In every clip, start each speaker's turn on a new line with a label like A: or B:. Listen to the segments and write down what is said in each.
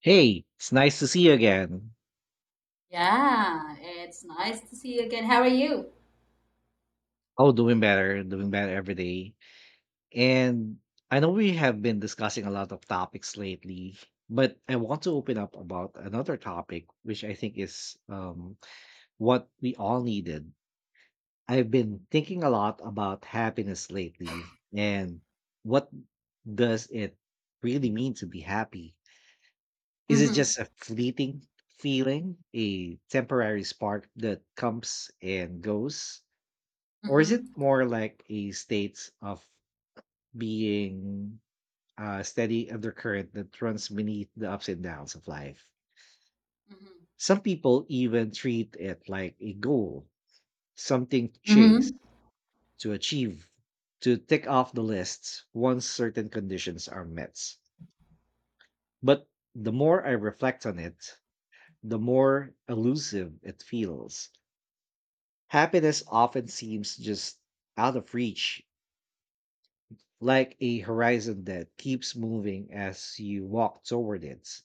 A: Hey, it's nice to see you again.
B: Yeah, it's nice to see you again. How are you?
A: Oh, doing better every day. And I know we have been discussing a lot of topics lately, but I want to open up about another topic, which I think is what we all needed. I've been thinking a lot about happiness lately and what does it really mean to be happy? Is it
B: Mm-hmm.
A: just a fleeting feeling, a temporary spark that comes and goes? Or is it
B: Mm-hmm.
A: more like a state of being, a steady undercurrent that runs beneath the ups and downs of life?
B: Mm-hmm.
A: Some people even treat it like a goal, something to chase,
B: Mm-hmm.
A: to achieve, to tick off the lists once certain conditions are met. But the more I reflect on it, the more elusive it feels. Happiness often seems just out of reach, like a horizon that keeps moving as you walk toward it.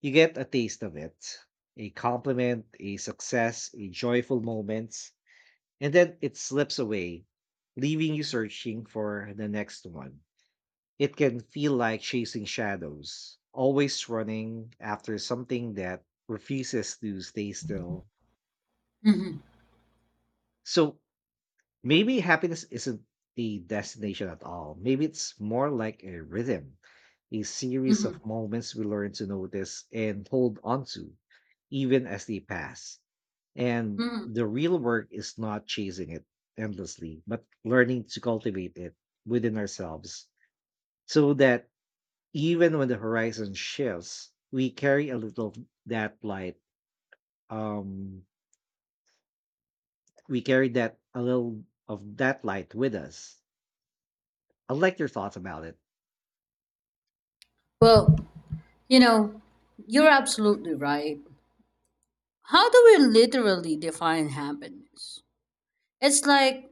A: You get a taste of it, a compliment, a success, a joyful moment, and then it slips away, leaving you searching for the next one. It can feel like chasing shadows, always running after something that refuses to stay still.
B: Mm-hmm.
A: So, maybe happiness isn't a destination at all. Maybe it's more like a rhythm, a series of
B: Mm-hmm.
A: moments we learn to notice and hold on to, even as they pass. And
B: Mm-hmm.
A: the real work is not chasing it endlessly, but learning to cultivate it within ourselves so that even when the horizon shifts, we carry a little of that light. Um, we carry that a little of that light with us. I like your thoughts about it.
B: Well, you know, you're absolutely right. How do we literally define happiness? It's like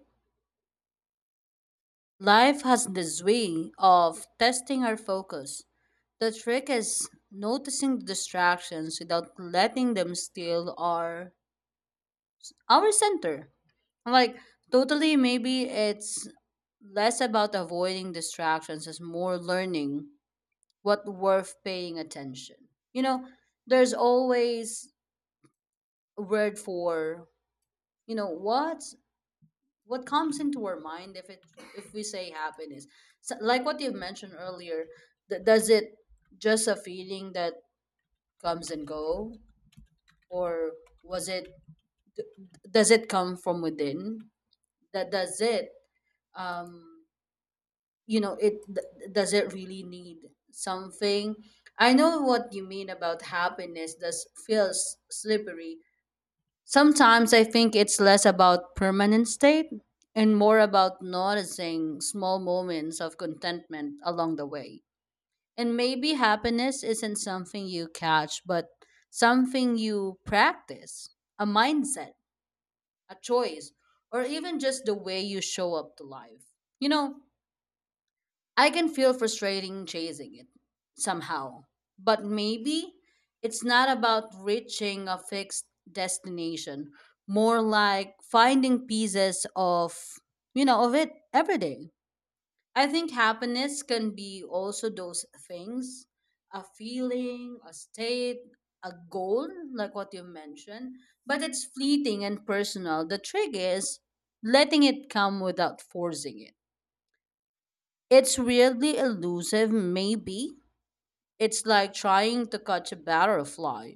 B: life has this way of testing our focus. The trick is noticing the distractions without letting them steal our center. Like totally maybe it's less about avoiding distractions as more learning what worth paying attention. You know, there's always a word for you know what what comes into our mind if we say happiness. So, like what you mentioned earlier, does it just a feeling that comes and go, or was it does it come from within? That does it. Um, you know it does it really need something. I know what you mean about happiness does feels slippery. Sometimes I think it's less about permanent state and more about noticing small moments of contentment along the way. And maybe happiness isn't something you catch, but something you practice, a mindset, a choice, or even just the way you show up to life you know I can feel frustrating chasing it somehow. But maybe it's not about reaching a fixed destination, more like finding pieces of it every day. I think happiness can be also those things, a feeling, a state, a goal, like what you mentioned, but it's fleeting and personal. The trick is letting it come without forcing it. It's weirdly elusive, maybe. It's like trying to catch a butterfly.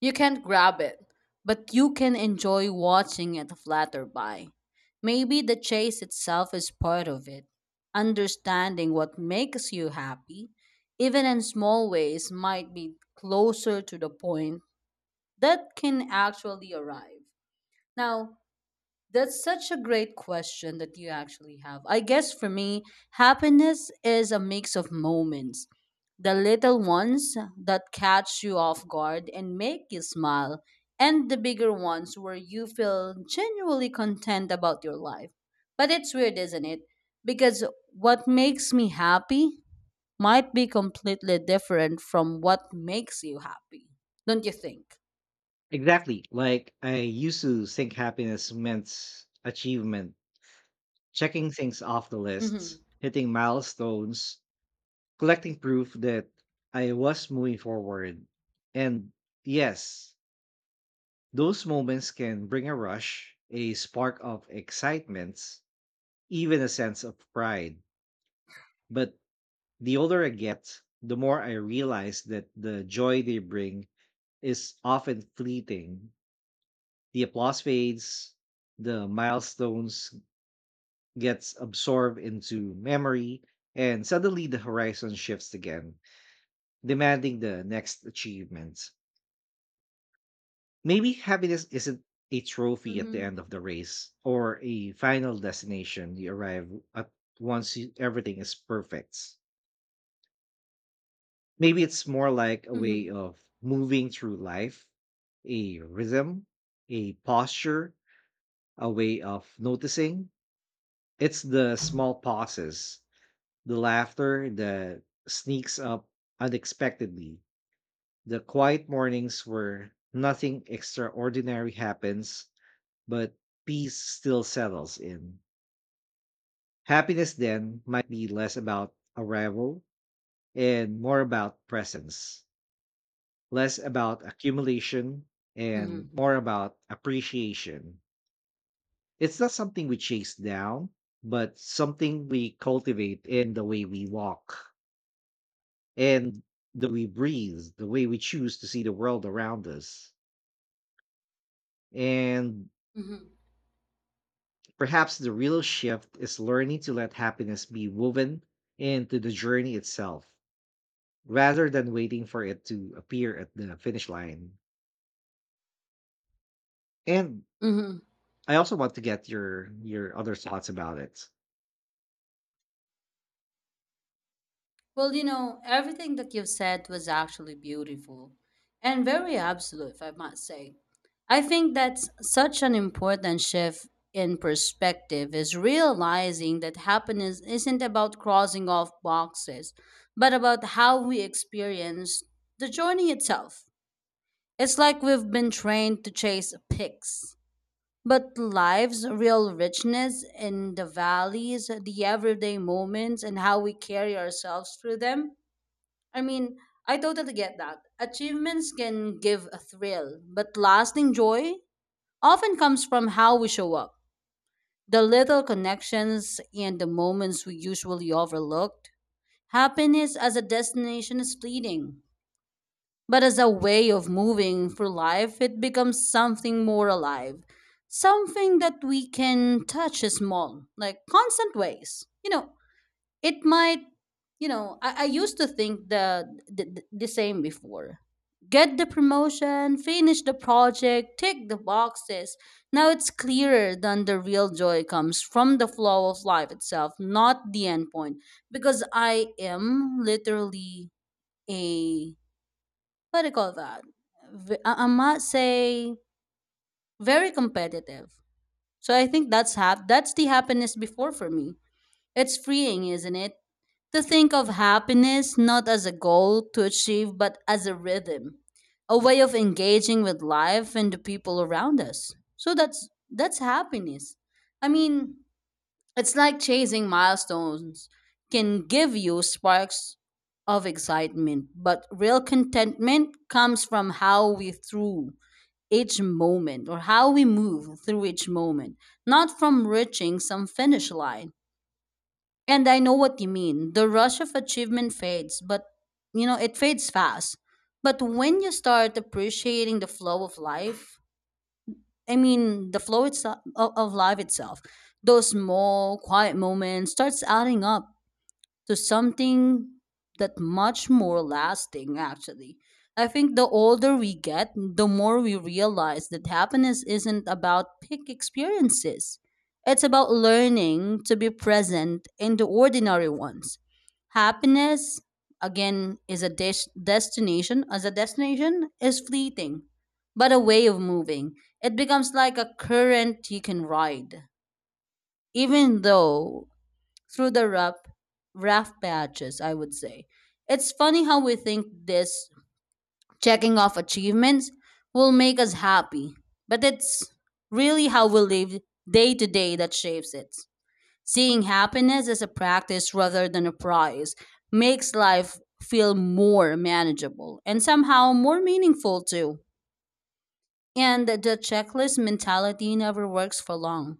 B: You can't grab it, but you can enjoy watching it flutter by. Maybe the chase itself is part of it. Understanding what makes you happy, even in small ways, might be closer to the point that can actually arrive. Now, that's such a great question that you actually have. I guess for me, happiness is a mix of moments. The little ones that catch you off guard and make you smile, and the bigger ones where you feel genuinely content about your life. But it's weird, isn't it? Because what makes me happy might be completely different from what makes you happy. Don't you think?
A: Exactly. Like, I used to think happiness meant achievement, checking things off the
B: Mm-hmm.
A: lists, hitting milestones, collecting proof that I was moving forward. And yes, those moments can bring a rush, a spark of excitement, even a sense of pride. But the older I get, the more I realize that the joy they bring is often fleeting. The applause fades, the milestones gets absorbed into memory, and suddenly the horizon shifts again, demanding the next achievement. Maybe happiness isn't a trophy at the
B: Mm-hmm.
A: end of the race or a final destination you arrive at once you, everything is perfect. Maybe it's more like a way
B: Mm-hmm.
A: of moving through life, a rhythm, a posture, a way of noticing. It's the small pauses, the laughter that sneaks up unexpectedly, the quiet mornings where nothing extraordinary happens, but peace still settles in. Happiness then might be less about arrival and more about presence, less about accumulation and
B: Mm-hmm.
A: more about appreciation. It's not something we chase down, but something we cultivate in the way we walk, and the way we breathe, the way we choose to see the world around us. And
B: Mm-hmm.
A: perhaps the real shift is learning to let happiness be woven into the journey itself rather than waiting for it to appear at the finish line. And
B: Mm-hmm.
A: I also want to get your other thoughts about it.
B: Well, everything that you've said was actually beautiful and very absolute, if I must say. I think that's such an important shift in perspective is realizing that happiness isn't about crossing off boxes, but about how we experience the journey itself. It's like we've been trained to chase picks, but life's real richness in the valleys, the everyday moments, and how we carry ourselves through them. I mean, I totally get that. Achievements can give a thrill, but lasting joy often comes from how we show up. The little connections and the moments we usually overlooked. Happiness as a destination is fleeting, but as a way of moving through life, it becomes something more alive. Something that we can touch small, like constant ways. It might, I used to think the same before, get the promotion, finish the project, tick the boxes. Now it's clearer than the real joy comes from the flow of life itself, not the end point, because I am literally a, what do you call that, I might say very competitive, so I think that's half, that's the happiness before for me. It's freeing, isn't it? To think of happiness not as a goal to achieve, but as a rhythm, a way of engaging with life and the people around us. So that's happiness. I mean, it's like chasing milestones can give you sparks of excitement, but real contentment comes from how we through each moment, or how we move through each moment, not from reaching some finish line. And I know what you mean. The rush of achievement fades, but it fades fast. But when you start appreciating the flow of life, I mean, the flow itself of life itself, those small, quiet moments starts adding up to something that much more lasting. Actually, I think the older we get, the more we realize that happiness isn't about big experiences, it's about learning to be present in the ordinary ones. Happiness, again, is a destination. As a destination, is fleeting, but a way of moving, it becomes like a current you can ride, even though through the rough patches, I would say. It's funny how we think this, checking off achievements will make us happy, but it's really how we live day to day that shapes it. Seeing happiness as a practice rather than a prize makes life feel more manageable and somehow more meaningful too. And the checklist mentality never works for long.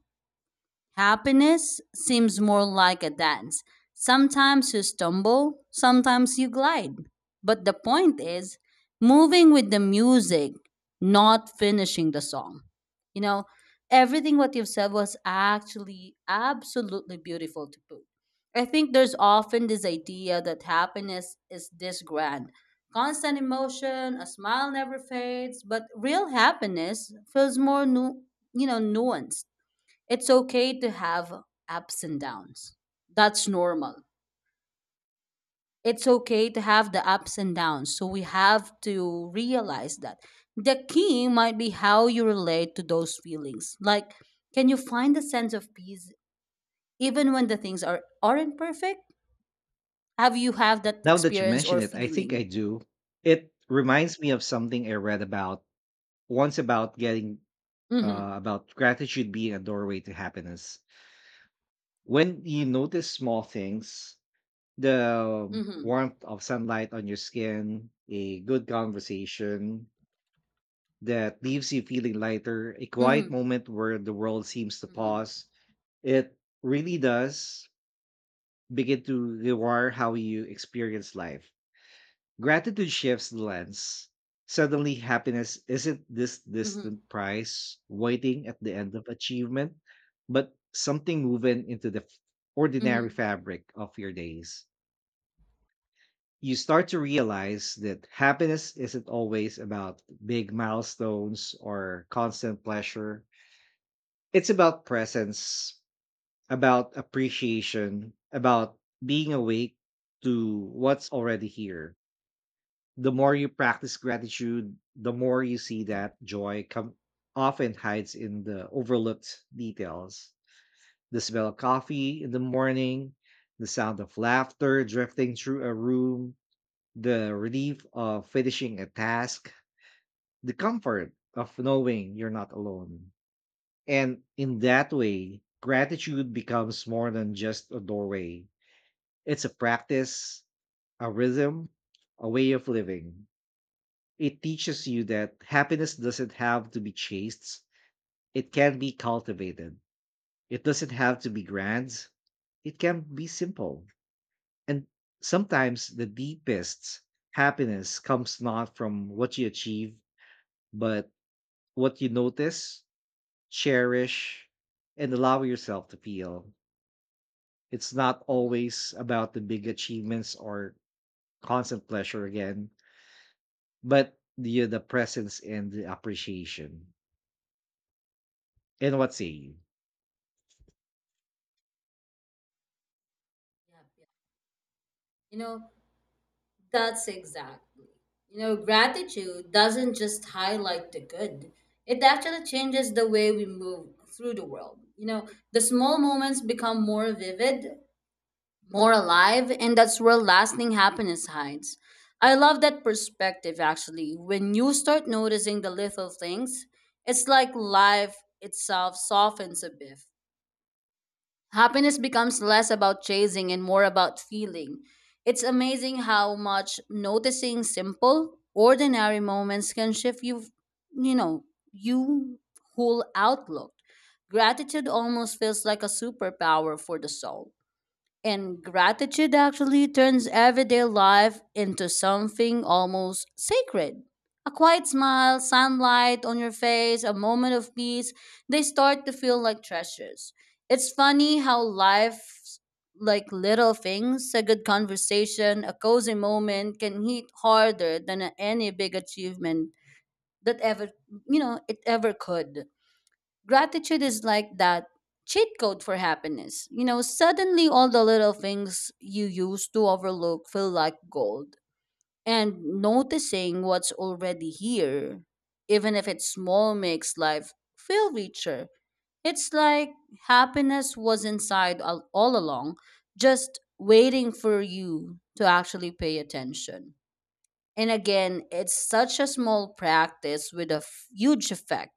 B: Happiness seems more like a dance. Sometimes you stumble, sometimes you glide. But the point is moving with the music, not finishing the song. You know, Everything what you've said was actually absolutely beautiful to put. I think there's often this idea that happiness is this grand. Constant emotion, a smile never fades, but real happiness feels more nuanced. It's okay to have ups and downs. That's normal. It's okay to have the ups and downs. So we have to realize that the key might be how you relate to those feelings. Like, can you find a sense of peace even when the things aren't perfect? Have you have that
A: Now that you
B: experience
A: mention
B: or
A: it, I think I
B: feeling?
A: do. It reminds me of something I read about once about getting
B: Mm-hmm.
A: about gratitude being a doorway to happiness. When you notice small things, the
B: Mm-hmm.
A: warmth of sunlight on your skin, a good conversation that leaves you feeling lighter, a quiet
B: Mm-hmm.
A: moment where the world seems to
B: Mm-hmm.
A: pause, it really does begin to rewire how you experience life. Gratitude shifts the lens. Suddenly happiness isn't this
B: Mm-hmm.
A: distant prize waiting at the end of achievement, but something woven into the ordinary
B: Mm-hmm.
A: fabric of your days. You start to realize that happiness isn't always about big milestones or constant pleasure. It's about presence, about appreciation, about being awake to what's already here. The more you practice gratitude, the more you see that joy come often hides in the overlooked details. The smell of coffee in the morning, the sound of laughter drifting through a room, the relief of finishing a task, the comfort of knowing you're not alone. And in that way, gratitude becomes more than just a doorway, it's a practice, a rhythm, a way of living. It teaches you that happiness doesn't have to be chased, it can be cultivated. It doesn't have to be grand, it can be simple. And sometimes the deepest happiness comes not from what you achieve, but what you notice, cherish, and allow yourself to feel. It's not
B: Mm-hmm.
A: always about the big achievements or constant pleasure again, but the presence and the appreciation. And what say you?
B: Yeah, yeah. You know, That's exactly. Gratitude doesn't just highlight the good, it actually changes the way we move through the world. The small moments become more vivid, more alive, and that's where lasting happiness hides. I love that perspective actually. When you start noticing the little things, it's like life itself softens a bit. Happiness becomes less about chasing and more about feeling. It's amazing how much noticing simple, ordinary moments can shift you know, you whole outlook. Gratitude almost feels like a superpower for the soul. And gratitude actually turns everyday life into something almost sacred. A quiet smile, sunlight on your face, a moment of peace, they start to feel like treasures. It's funny how life's like little things, a good conversation, a cozy moment can hit harder than any big achievement that it ever could. Gratitude is like that cheat code for happiness. Suddenly all the little things you used to overlook feel like gold. And noticing what's already here, even if it's small, makes life feel richer. It's like happiness was inside all along, just waiting for you to actually pay attention. And again, it's such a small practice with a huge effect.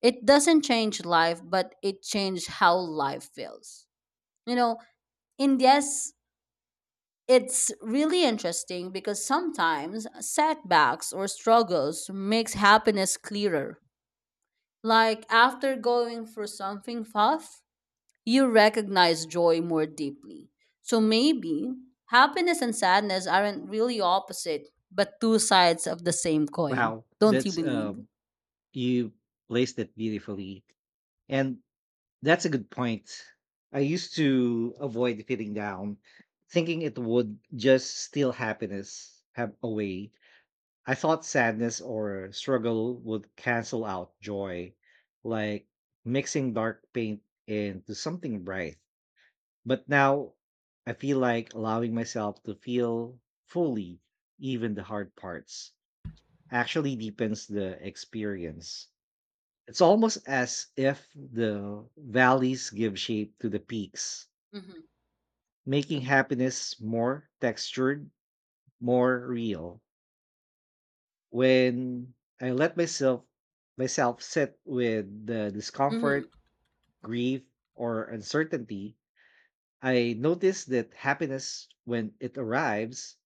B: It doesn't change life, but it changed how life feels. You know, in Yes, it's really interesting because sometimes setbacks or struggles makes happiness clearer. Like after going through something tough, you recognize joy more deeply. So maybe happiness and sadness aren't really opposite, but two sides of the same coin.
A: Wow,
B: Don't you
A: that's
B: believe?
A: you placed it beautifully. And that's a good point. I used to avoid feeling down, thinking it would just steal happiness have away. I thought sadness or struggle would cancel out joy, like mixing dark paint into something bright. But now I feel like allowing myself to feel fully, even the hard parts, actually deepens the experience. It's almost as if the valleys give shape to the peaks,
B: Mm-hmm.
A: making happiness more textured, more real. When I let myself sit with the
B: Mm-hmm.
A: discomfort, grief, or uncertainty, I notice that happiness when it arrives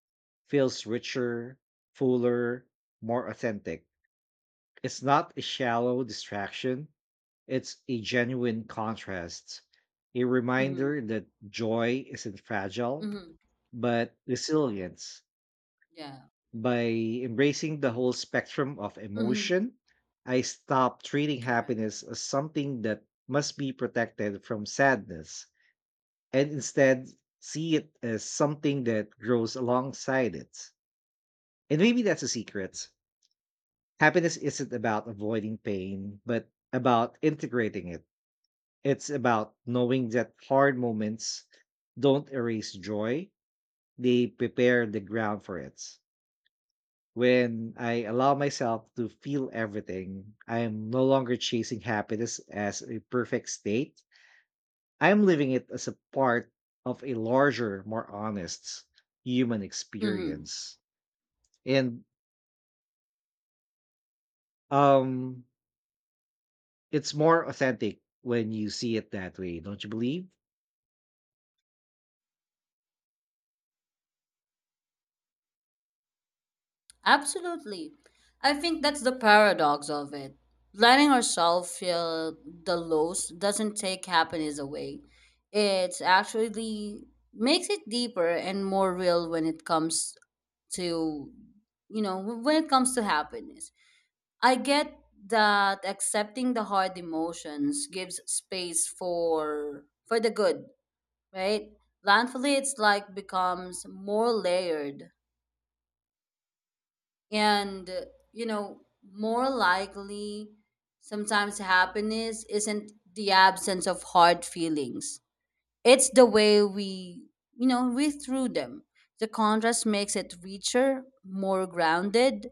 A: feels richer, fuller, more authentic. It's not a shallow distraction, it's a genuine contrast, a
B: Mm-hmm.
A: reminder that joy isn't fragile,
B: Mm-hmm.
A: but resilience.
B: Yeah.
A: By embracing the whole spectrum of
B: Mm-hmm.
A: emotion, I stopped treating
B: Correct.
A: happiness as something that must be protected from sadness and instead see it as something that grows alongside it. And maybe that's a secret. Happiness isn't about avoiding pain, but about integrating it. It's about knowing that hard moments don't erase joy, they prepare the ground for it. When I allow myself to feel everything, I am no longer chasing happiness as a perfect state. I am living it as a part of a larger, more honest human
B: Mm-hmm.
A: experience. And um it's more authentic when you see it that way, don't you believe?
B: Absolutely. I think that's the paradox of it. Letting ourselves feel the lows doesn't take happiness away. It actually makes it deeper and more real to when it comes to happiness. I get that accepting the hard emotions gives space for the good, right? Landfully, it's like becomes more layered. And you know more likely sometimes happiness isn't the absence of hard feelings, it's the way we you know we through them. The contrast makes it richer, more grounded.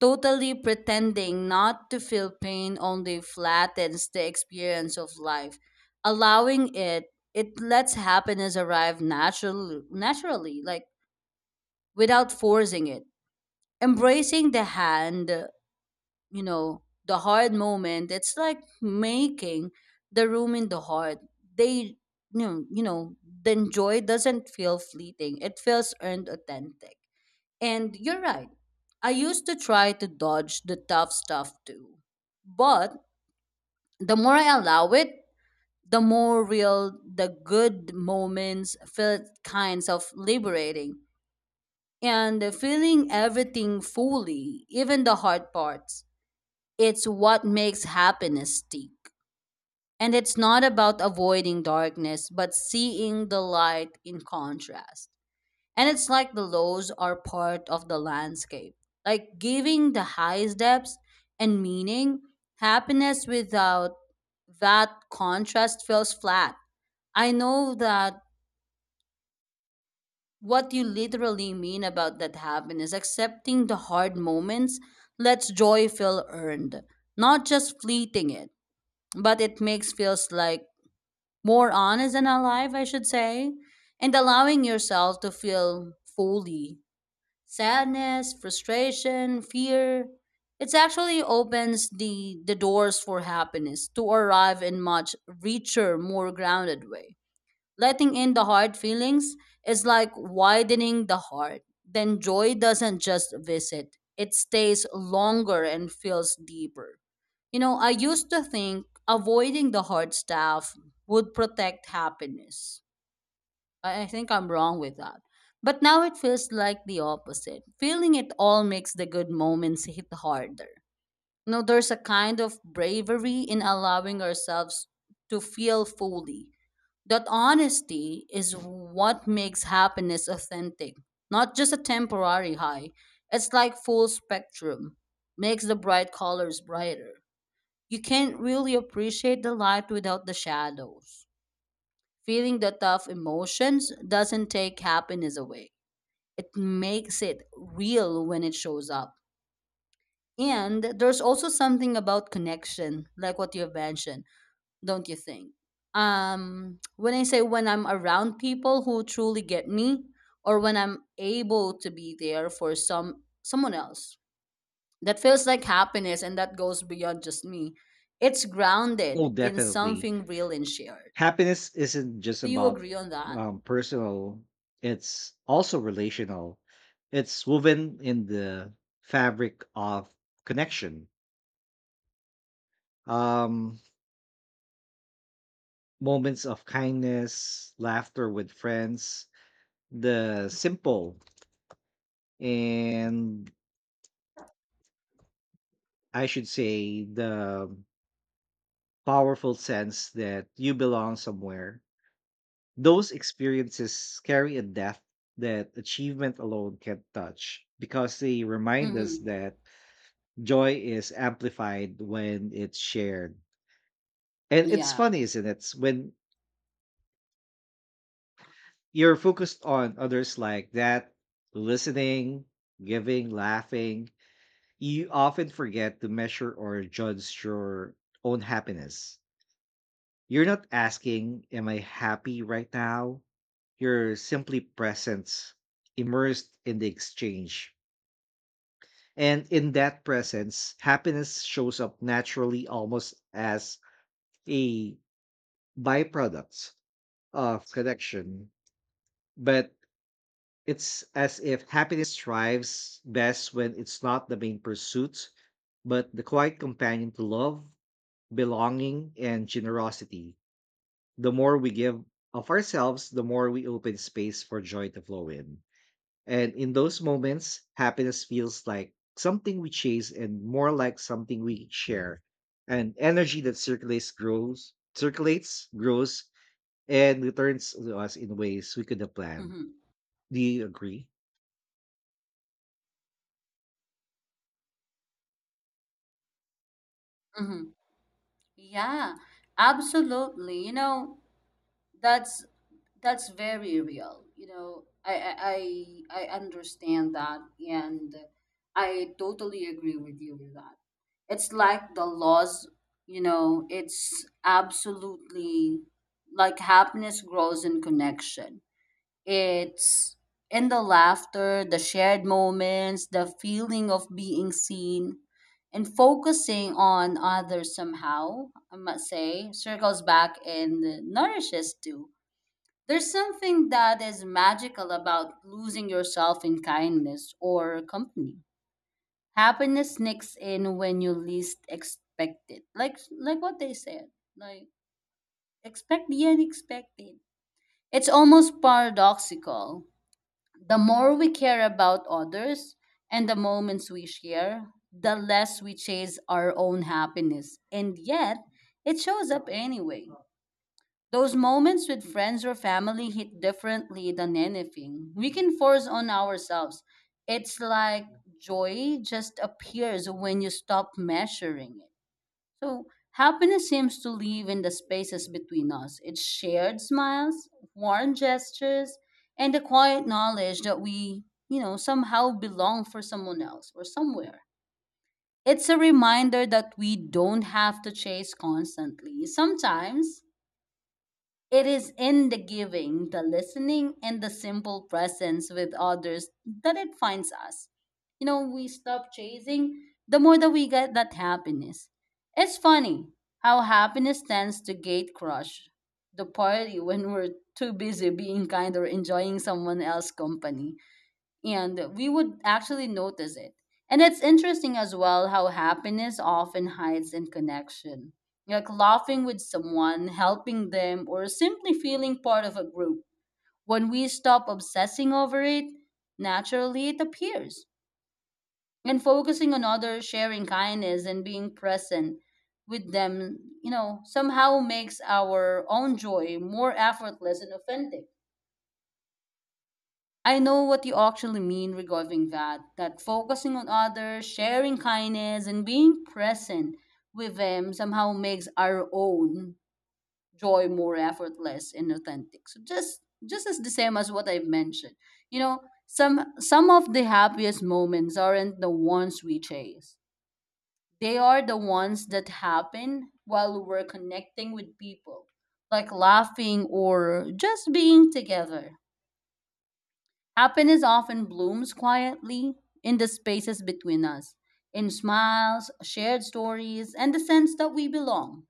B: Totally, pretending not to feel pain only flattens the experience of life. Allowing it, it lets happiness arrive like, without forcing it. Embracing the hand, you know, the hard moment, it's like making the room in the heart. They, you know, the joy doesn't feel fleeting. It feels earned, authentic. And you're right. I used to try to dodge the tough stuff too. But the more I allow it, the more real the good moments felt, kinds of liberating. And feeling everything fully, even the hard parts, it's what makes happiness stick. And it's not about avoiding darkness, but seeing the light in contrast. And it's like the lows are part of the landscape, like giving the highest depth and meaning. Happiness without that contrast feels flat. I know that what you literally mean about that happiness, accepting the hard moments lets joy feel earned, not just fleeting it, but it makes feels like more honest and alive, I should say. And allowing yourself to feel fully sadness, frustration, fear. It actually opens the doors for happiness to arrive in much richer, more grounded way. Letting in the hard feelings is like widening the heart. Then joy doesn't just visit, it stays longer and feels deeper. You know, I used to think avoiding the hard stuff would protect happiness. I think I'm wrong with that. But now it feels like the opposite. Feeling it all makes the good moments hit harder. You there's a kind of bravery in allowing ourselves to feel fully. That honesty is what makes happiness authentic, not just a temporary high. It's like full spectrum, makes the bright colors brighter. You can't really appreciate the light without the shadows. Feeling the tough emotions doesn't take happiness away. It makes it real when it shows up. And there's also something about connection, like what you've mentioned, don't you think? When I say when I'm around people who truly get me, or when I'm able to be there for someone else, that feels like happiness and that goes beyond just me. It's grounded
A: Oh,
B: in
A: definitely.
B: something real and shared.
A: Happiness isn't just
B: Do you
A: about
B: agree on that?
A: personal, it's also relational. It's woven in the fabric of connection, um moments of kindness, laughter with friends, the simple and, I should say, the powerful sense that you belong somewhere. Those experiences carry a depth that achievement alone can't touch, because they remind us
B: Mm-hmm.
A: that joy is amplified when it's shared. And it's
B: Yeah.
A: funny, isn't it, when you're focused on others like that, listening, giving, laughing. You often forget to measure or judge your own happiness. You're not asking, am I happy right now? You're simply present, immersed in the exchange. And in that presence, happiness shows up naturally almost as a byproduct of connection. But it's as if happiness thrives best when it's not the main pursuit, but the quiet companion to love, belonging, and generosity. The more we give of ourselves, the more we open space for joy to flow in. And in those moments, happiness feels like something we chase and more like something we share. An energy that circulates, grows, circulates, grows, and returns to us in ways we could have planned.
B: Mm-hmm.
A: Do you agree?
B: Mm-hmm. Yeah, absolutely. You know, that's that's very real. You know, I understand that, and I totally agree with you with that. It's like the laws. You know, it's absolutely like happiness grows in connection. It's in the laughter, the shared moments, the feeling of being seen, and focusing on others somehow, I must say, circles back and nourishes too. There's something that is magical about losing yourself in kindness or company. Happiness sneaks in when you least expect it. Like what they said. Like expect the unexpected. It's almost paradoxical the more we care about others and the moments we share, the less we chase our own happiness. And yet, it shows up anyway. Those moments with friends or family hit differently than anything we can force on ourselves. It's like joy just appears when you stop measuring it. So, happiness seems to live in the spaces between us. It's shared smiles, warm gestures, and the quiet knowledge that we, you know, somehow belong for someone else or somewhere. It's a reminder that we don't have to chase constantly. Sometimes it is in the giving, the listening, and the simple presence with others that it finds us. You know, we stop chasing the more that we get that happiness. It's funny how happiness tends to gate crush the party when we're too busy being kind or enjoying someone else's company and we would actually notice it. And it's interesting as well how happiness often hides in connection. Like laughing with someone, helping them, or simply feeling part of a group. When we stop obsessing over it, naturally it appears. And focusing on others, sharing kindness, and being present with them, you know, somehow makes our own joy more effortless and authentic. I know what you actually mean regarding that, that focusing on others, sharing kindness, and being present with them somehow makes our own joy more effortless and authentic. So just as the same as what I've mentioned. You know, some of the happiest moments aren't the ones we chase. They are the ones that happen while we're connecting with people, like laughing or just being together. Happiness often blooms quietly in the spaces between us, in smiles, shared stories, and the sense that we belong.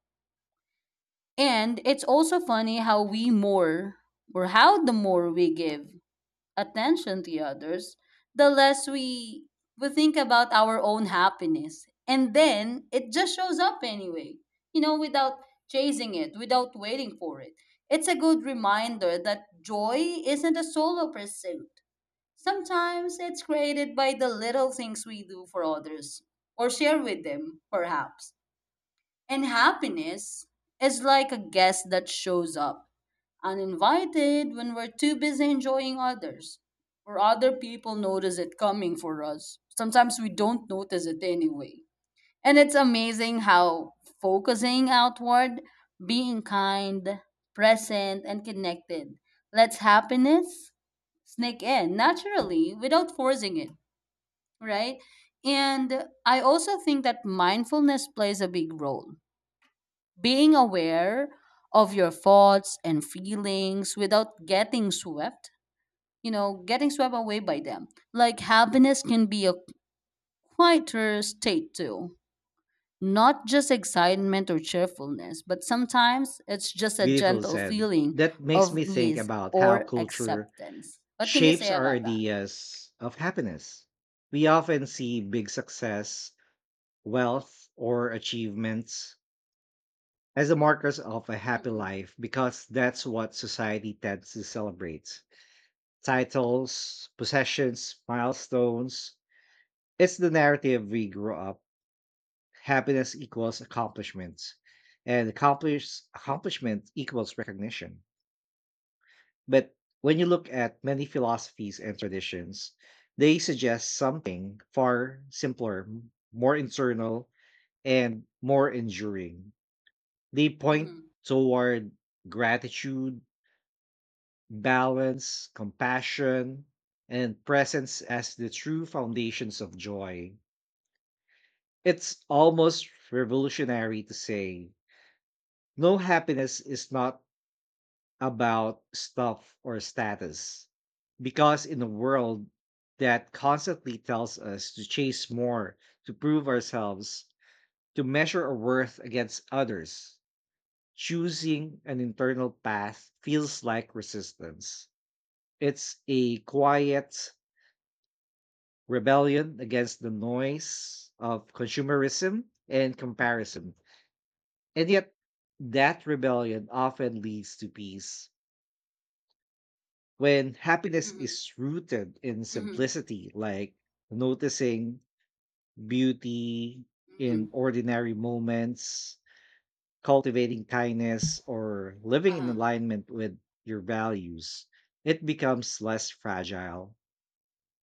B: And it's also funny how we more, or how the more we give attention to others, the less we think about our own happiness. And then it just shows up anyway, you know, without chasing it, without waiting for it. It's a good reminder that joy isn't a solo pursuit. Sometimes it's created by the little things we do for others or share with them, perhaps. And happiness is like a guest that shows up uninvited when we're too busy enjoying others or other people notice it coming for us. Sometimes we don't notice it anyway. And it's amazing how focusing outward, being kind, present, and connected lets happiness sneak in naturally without forcing it, right? And I also think that mindfulness plays a big role. Being aware of your thoughts and feelings without getting swept, you know, getting swept away by them. Like happiness can be a quieter state too. Not just excitement or cheerfulness, but sometimes it's just a
A: Beautiful
B: gentle
A: said.
B: feeling
A: That makes
B: of
A: me think
B: ease
A: about how
B: or
A: culture
B: acceptance. What can you
A: shapes
B: say
A: our
B: about that?
A: ideas of happiness. We often see big success, wealth, or achievements as the markers of a happy life because that's what society tends to celebrate. Titles, possessions, milestones. It's the narrative we grew up. Happiness equals accomplishment, and accomplishment equals recognition. But when you look at many philosophies and traditions, they suggest something far simpler, more internal, and more enduring. They point
B: Hmm.
A: toward gratitude, balance, compassion, and presence as the true foundations of joy. It's almost revolutionary to say, no, happiness is not about stuff or status. Because in a world that constantly tells us to chase more, to prove ourselves, to measure our worth against others, choosing an internal path feels like resistance. It's a quiet rebellion against the noise of consumerism and comparison. And yet, that rebellion often leads to peace. When happiness
B: Mhm,
A: is rooted in
B: mhm,
A: simplicity, like noticing beauty in
B: mhm,
A: ordinary moments, cultivating kindness, or living in
B: uh-huh,
A: alignment with your values, it becomes less fragile.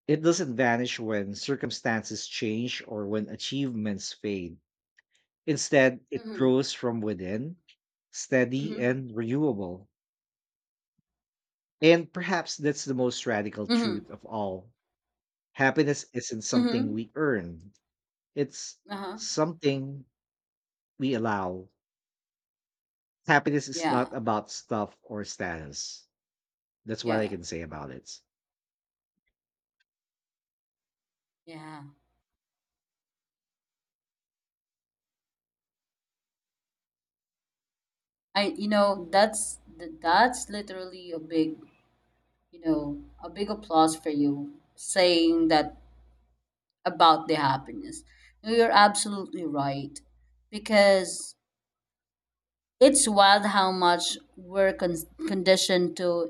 A: It doesn't vanish when circumstances change or when achievements fade. Instead, it
B: mhm,
A: grows from within, steady
B: mhm,
A: and renewable. And perhaps that's the most radical
B: mhm,
A: truth of all. Happiness isn't something
B: mhm,
A: we earn, it's
B: uh-huh,
A: something we allow. Happiness is
B: yeah,
A: not about stuff or status. That's what I
B: yeah,
A: can say about it.
B: yeah. I, you know, that's literally a big, you know, a big applause for you saying that about the happiness. No, you're absolutely right because it's wild how much we're conditioned to,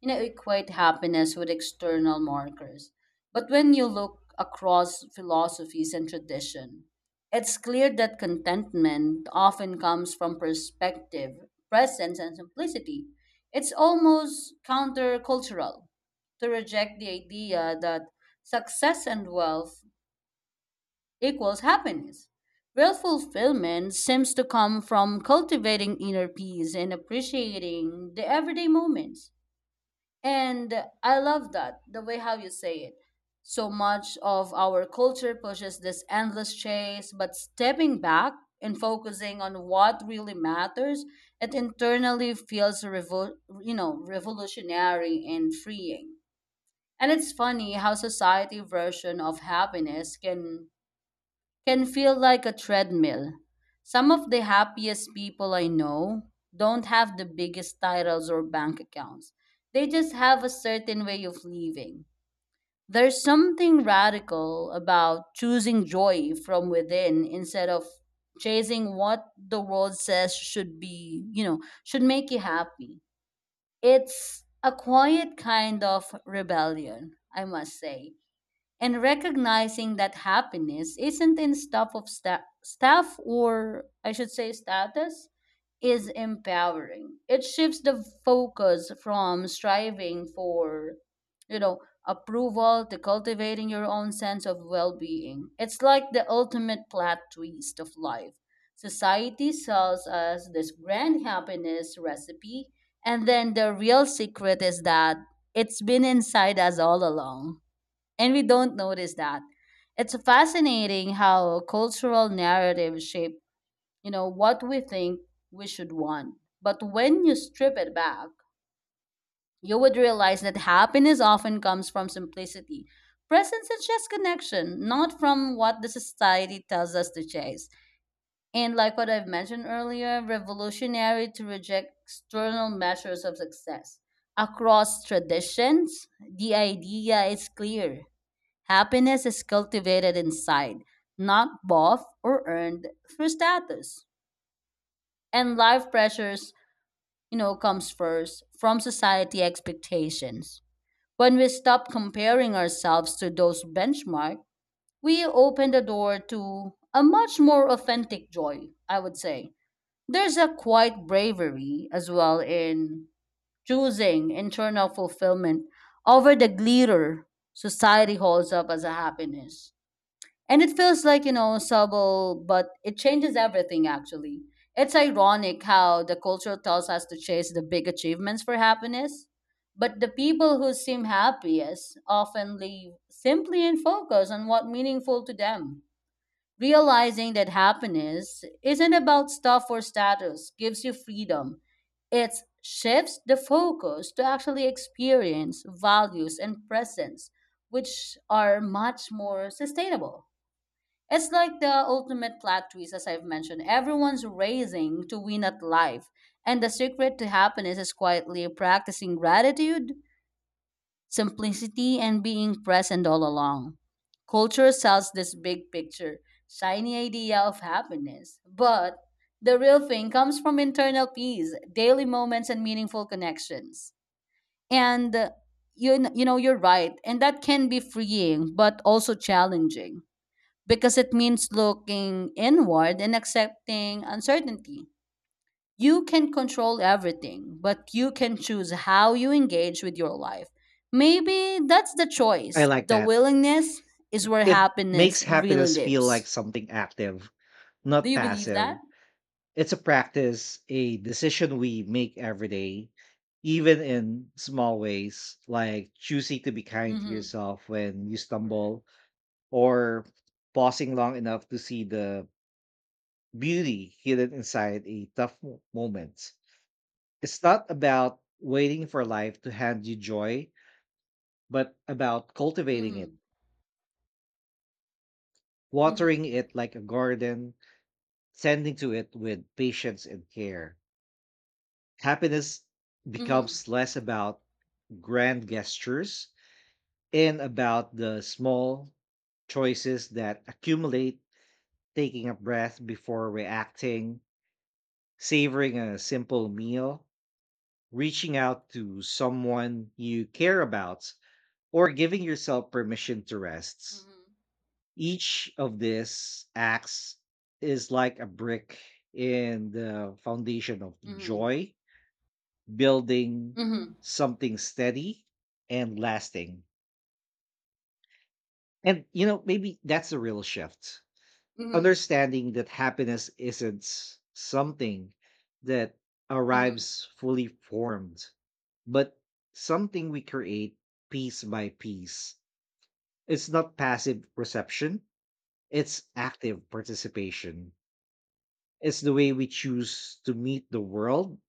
B: you know, equate happiness with external markers. But when you look across philosophies and tradition, it's clear that contentment often comes from perspective, presence, and simplicity. It's almost countercultural to reject the idea that success and wealth equals happiness. Real fulfillment seems to come from cultivating inner peace and appreciating the everyday moments. And I love that, the way how you say it. So much of our culture pushes this endless chase, but stepping back and focusing on what really matters, it internally feels you know, revolutionary and freeing. And it's funny how society version of happiness can feel like a treadmill. Some of the happiest people I know don't have the biggest titles or bank accounts. They just have a certain way of living. There's something radical about choosing joy from within instead of chasing what the world says should be, you know, should make you happy. It's a quiet kind of rebellion, I must say, and recognizing that happiness isn't in staff or I should say status is empowering. It shifts the focus from striving for, you know, approval to cultivating your own sense of well-being. It's like the ultimate plot twist of life. Society sells us this grand happiness recipe, and then the real secret is that it's been inside us all along and we don't notice that. It's fascinating how cultural narratives shape, you know, what we think we should want. But when you strip it back, you would realize that happiness often comes from simplicity. Presence is just connection, not from what the society tells us to chase. And like what I've mentioned earlier, revolutionary to reject external measures of success. Across traditions, the idea is clear. Happiness is cultivated inside, not bought or earned through status. And life pressures, you know, comes first from society expectations. When we stop comparing ourselves to those benchmark, we open the door to a much more authentic joy, I would say. There's a quiet bravery as well in choosing internal fulfillment over the glitter society holds up as a happiness. And it feels like, you know, subtle, but it changes everything actually. It's ironic how the culture tells us to chase the big achievements for happiness, but the people who seem happiest often live simply in focus on what meaningful to them. Realizing that happiness isn't about stuff or status gives you freedom. It shifts the focus to actually experience values and presence, which are much more sustainable. It's like the ultimate plot twist, as I've mentioned. Everyone's racing to win at life, and the secret to happiness is quietly practicing gratitude, simplicity, and being present all along. Culture sells this big picture, shiny idea of happiness, but the real thing comes from internal peace, daily moments, and meaningful connections. And you, you know, you're right, and that can be freeing, but also challenging because it means looking inward and accepting uncertainty. You can control everything, but you can choose how you engage with your life. Maybe that's the
A: I
B: choice.
A: like
B: The
A: that.
B: willingness is where
A: It
B: happiness
A: makes
B: really
A: happiness feel like
B: lives.
A: something active,
B: Do
A: not
B: you believe that?
A: passive. It's a practice, a decision we make every day, even in small ways, like choosing to be kind to
B: Mm-hmm.
A: yourself when you
B: Correct.
A: stumble or pausing long enough to see the beauty hidden inside a tough moment. It's not about waiting for life to hand you joy, but about cultivating it,
B: Mm-hmm. Mm-hmm.
A: watering it like a garden, tending to it with patience and care. Happiness
B: Mm-hmm.
A: becomes less about grand gestures and about the small choices that accumulate, taking a breath before reacting, savoring a simple meal, reaching out to someone you care about, or giving yourself permission to rest.
B: Mm-hmm.
A: Each of these acts is like a brick in the foundation of
B: Mm-hmm.
A: joy, building
B: Mm-hmm.
A: something steady and lasting. And, you know, maybe that's the real shift,
B: Mm-hmm.
A: understanding that happiness isn't something that
B: Mm-hmm.
A: arrives fully formed, but something we create piece by piece. It's not passive reception, it's active participation. It's the way we choose to meet the world,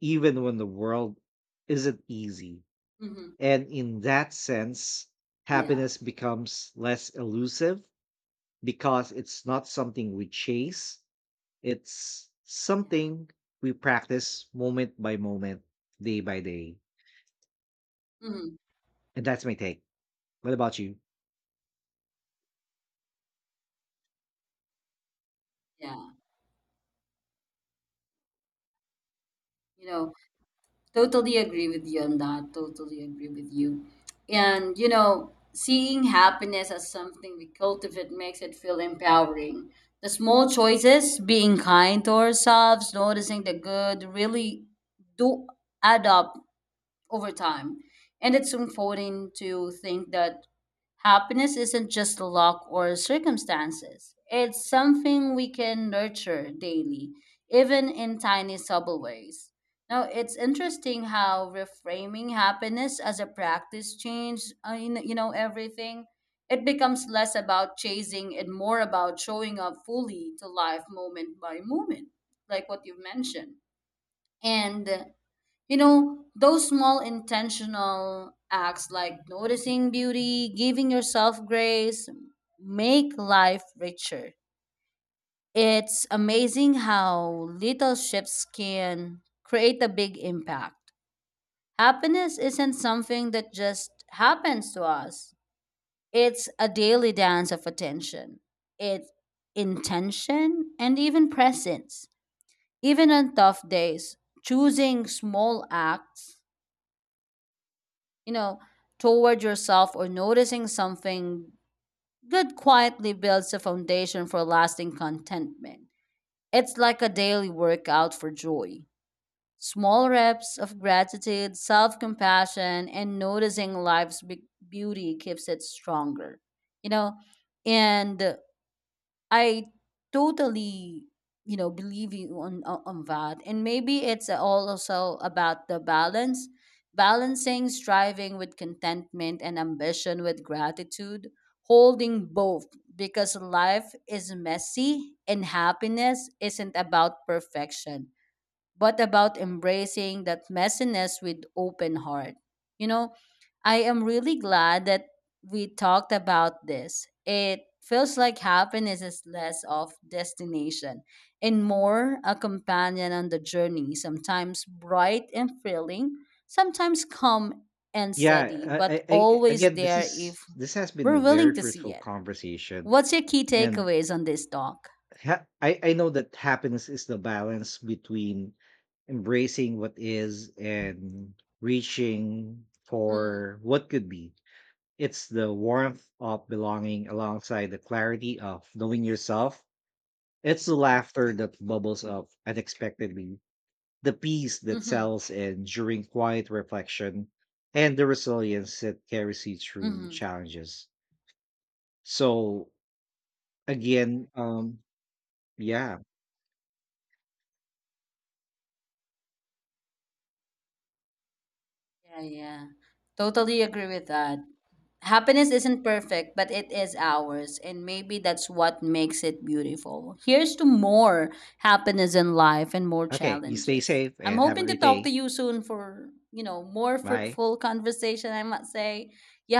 A: even when the world isn't easy.
B: Mm-hmm.
A: And in that sense,
B: Yeah.
A: happiness becomes less elusive because it's not something we chase, it's
B: Yeah.
A: something we practice moment by moment, day by day.
B: Mm-hmm.
A: And that's my take. What about you?
B: Yeah. You know, totally agree with you on that. Totally agree with you. And, you know, seeing happiness as something we cultivate makes it feel empowering. The small choices, being kind to ourselves, noticing the good, really do add up over time. And it's comforting to think that happiness isn't just luck or circumstances, it's something we can nurture daily, even in tiny, subtle ways. Now, it's interesting how reframing happiness as a practice changed, you know, everything. It becomes less about chasing and more about showing up fully to life moment by moment, like what you mentioned. And you know those small intentional acts like noticing beauty giving yourself grace make life richer. It's amazing how little shifts can create a big impact. Happiness isn't something that just happens to us. It's a daily dance of attention. It's intention and even presence, even on tough days choosing small acts, you know, toward yourself or noticing something good quietly builds a foundation for lasting contentment. It's like a daily workout for joy. Small reps of gratitude, self compassion, and noticing life's big beauty keeps it stronger. You know, and I totally, you know, believe you on that. And maybe it's all also about the balance, balancing striving with contentment and ambition with gratitude, holding both because life is messy and happiness isn't about perfection but about embracing that messiness with open heart. You know, I am really glad that we talked about this. It feels like happiness is less of destination and more a companion on the journey, sometimes bright and thrilling, sometimes calm and steady,
A: Yeah, I,
B: but
A: I, I
B: always
A: again, this
B: there
A: is
B: if
A: this has been a
B: we're
A: very
B: willing to see
A: fruitful
B: it.
A: conversation,
B: What's your key
A: and
B: takeaways on this talk?
A: I know that happiness is the balance between embracing what is and reaching for
B: Mm,
A: what could be. It's the warmth of belonging alongside the clarity of knowing yourself. It's the laughter that bubbles up unexpectedly, the peace that
B: mm-hmm,
A: settles in during quiet reflection, and the resilience that carries you through
B: mm-hmm.
A: challenges. So, again, yeah.
B: Yeah, yeah. Totally agree with that. Happiness isn't perfect, but it is ours. And maybe that's what makes it beautiful. Here's to more happiness in life and more
A: Okay, you stay
B: challenges.
A: safe
B: I'm
A: and have a
B: hoping to
A: great
B: talk to
A: day.
B: you soon for, you know, more
A: Bye.
B: fruitful conversation, I must say. You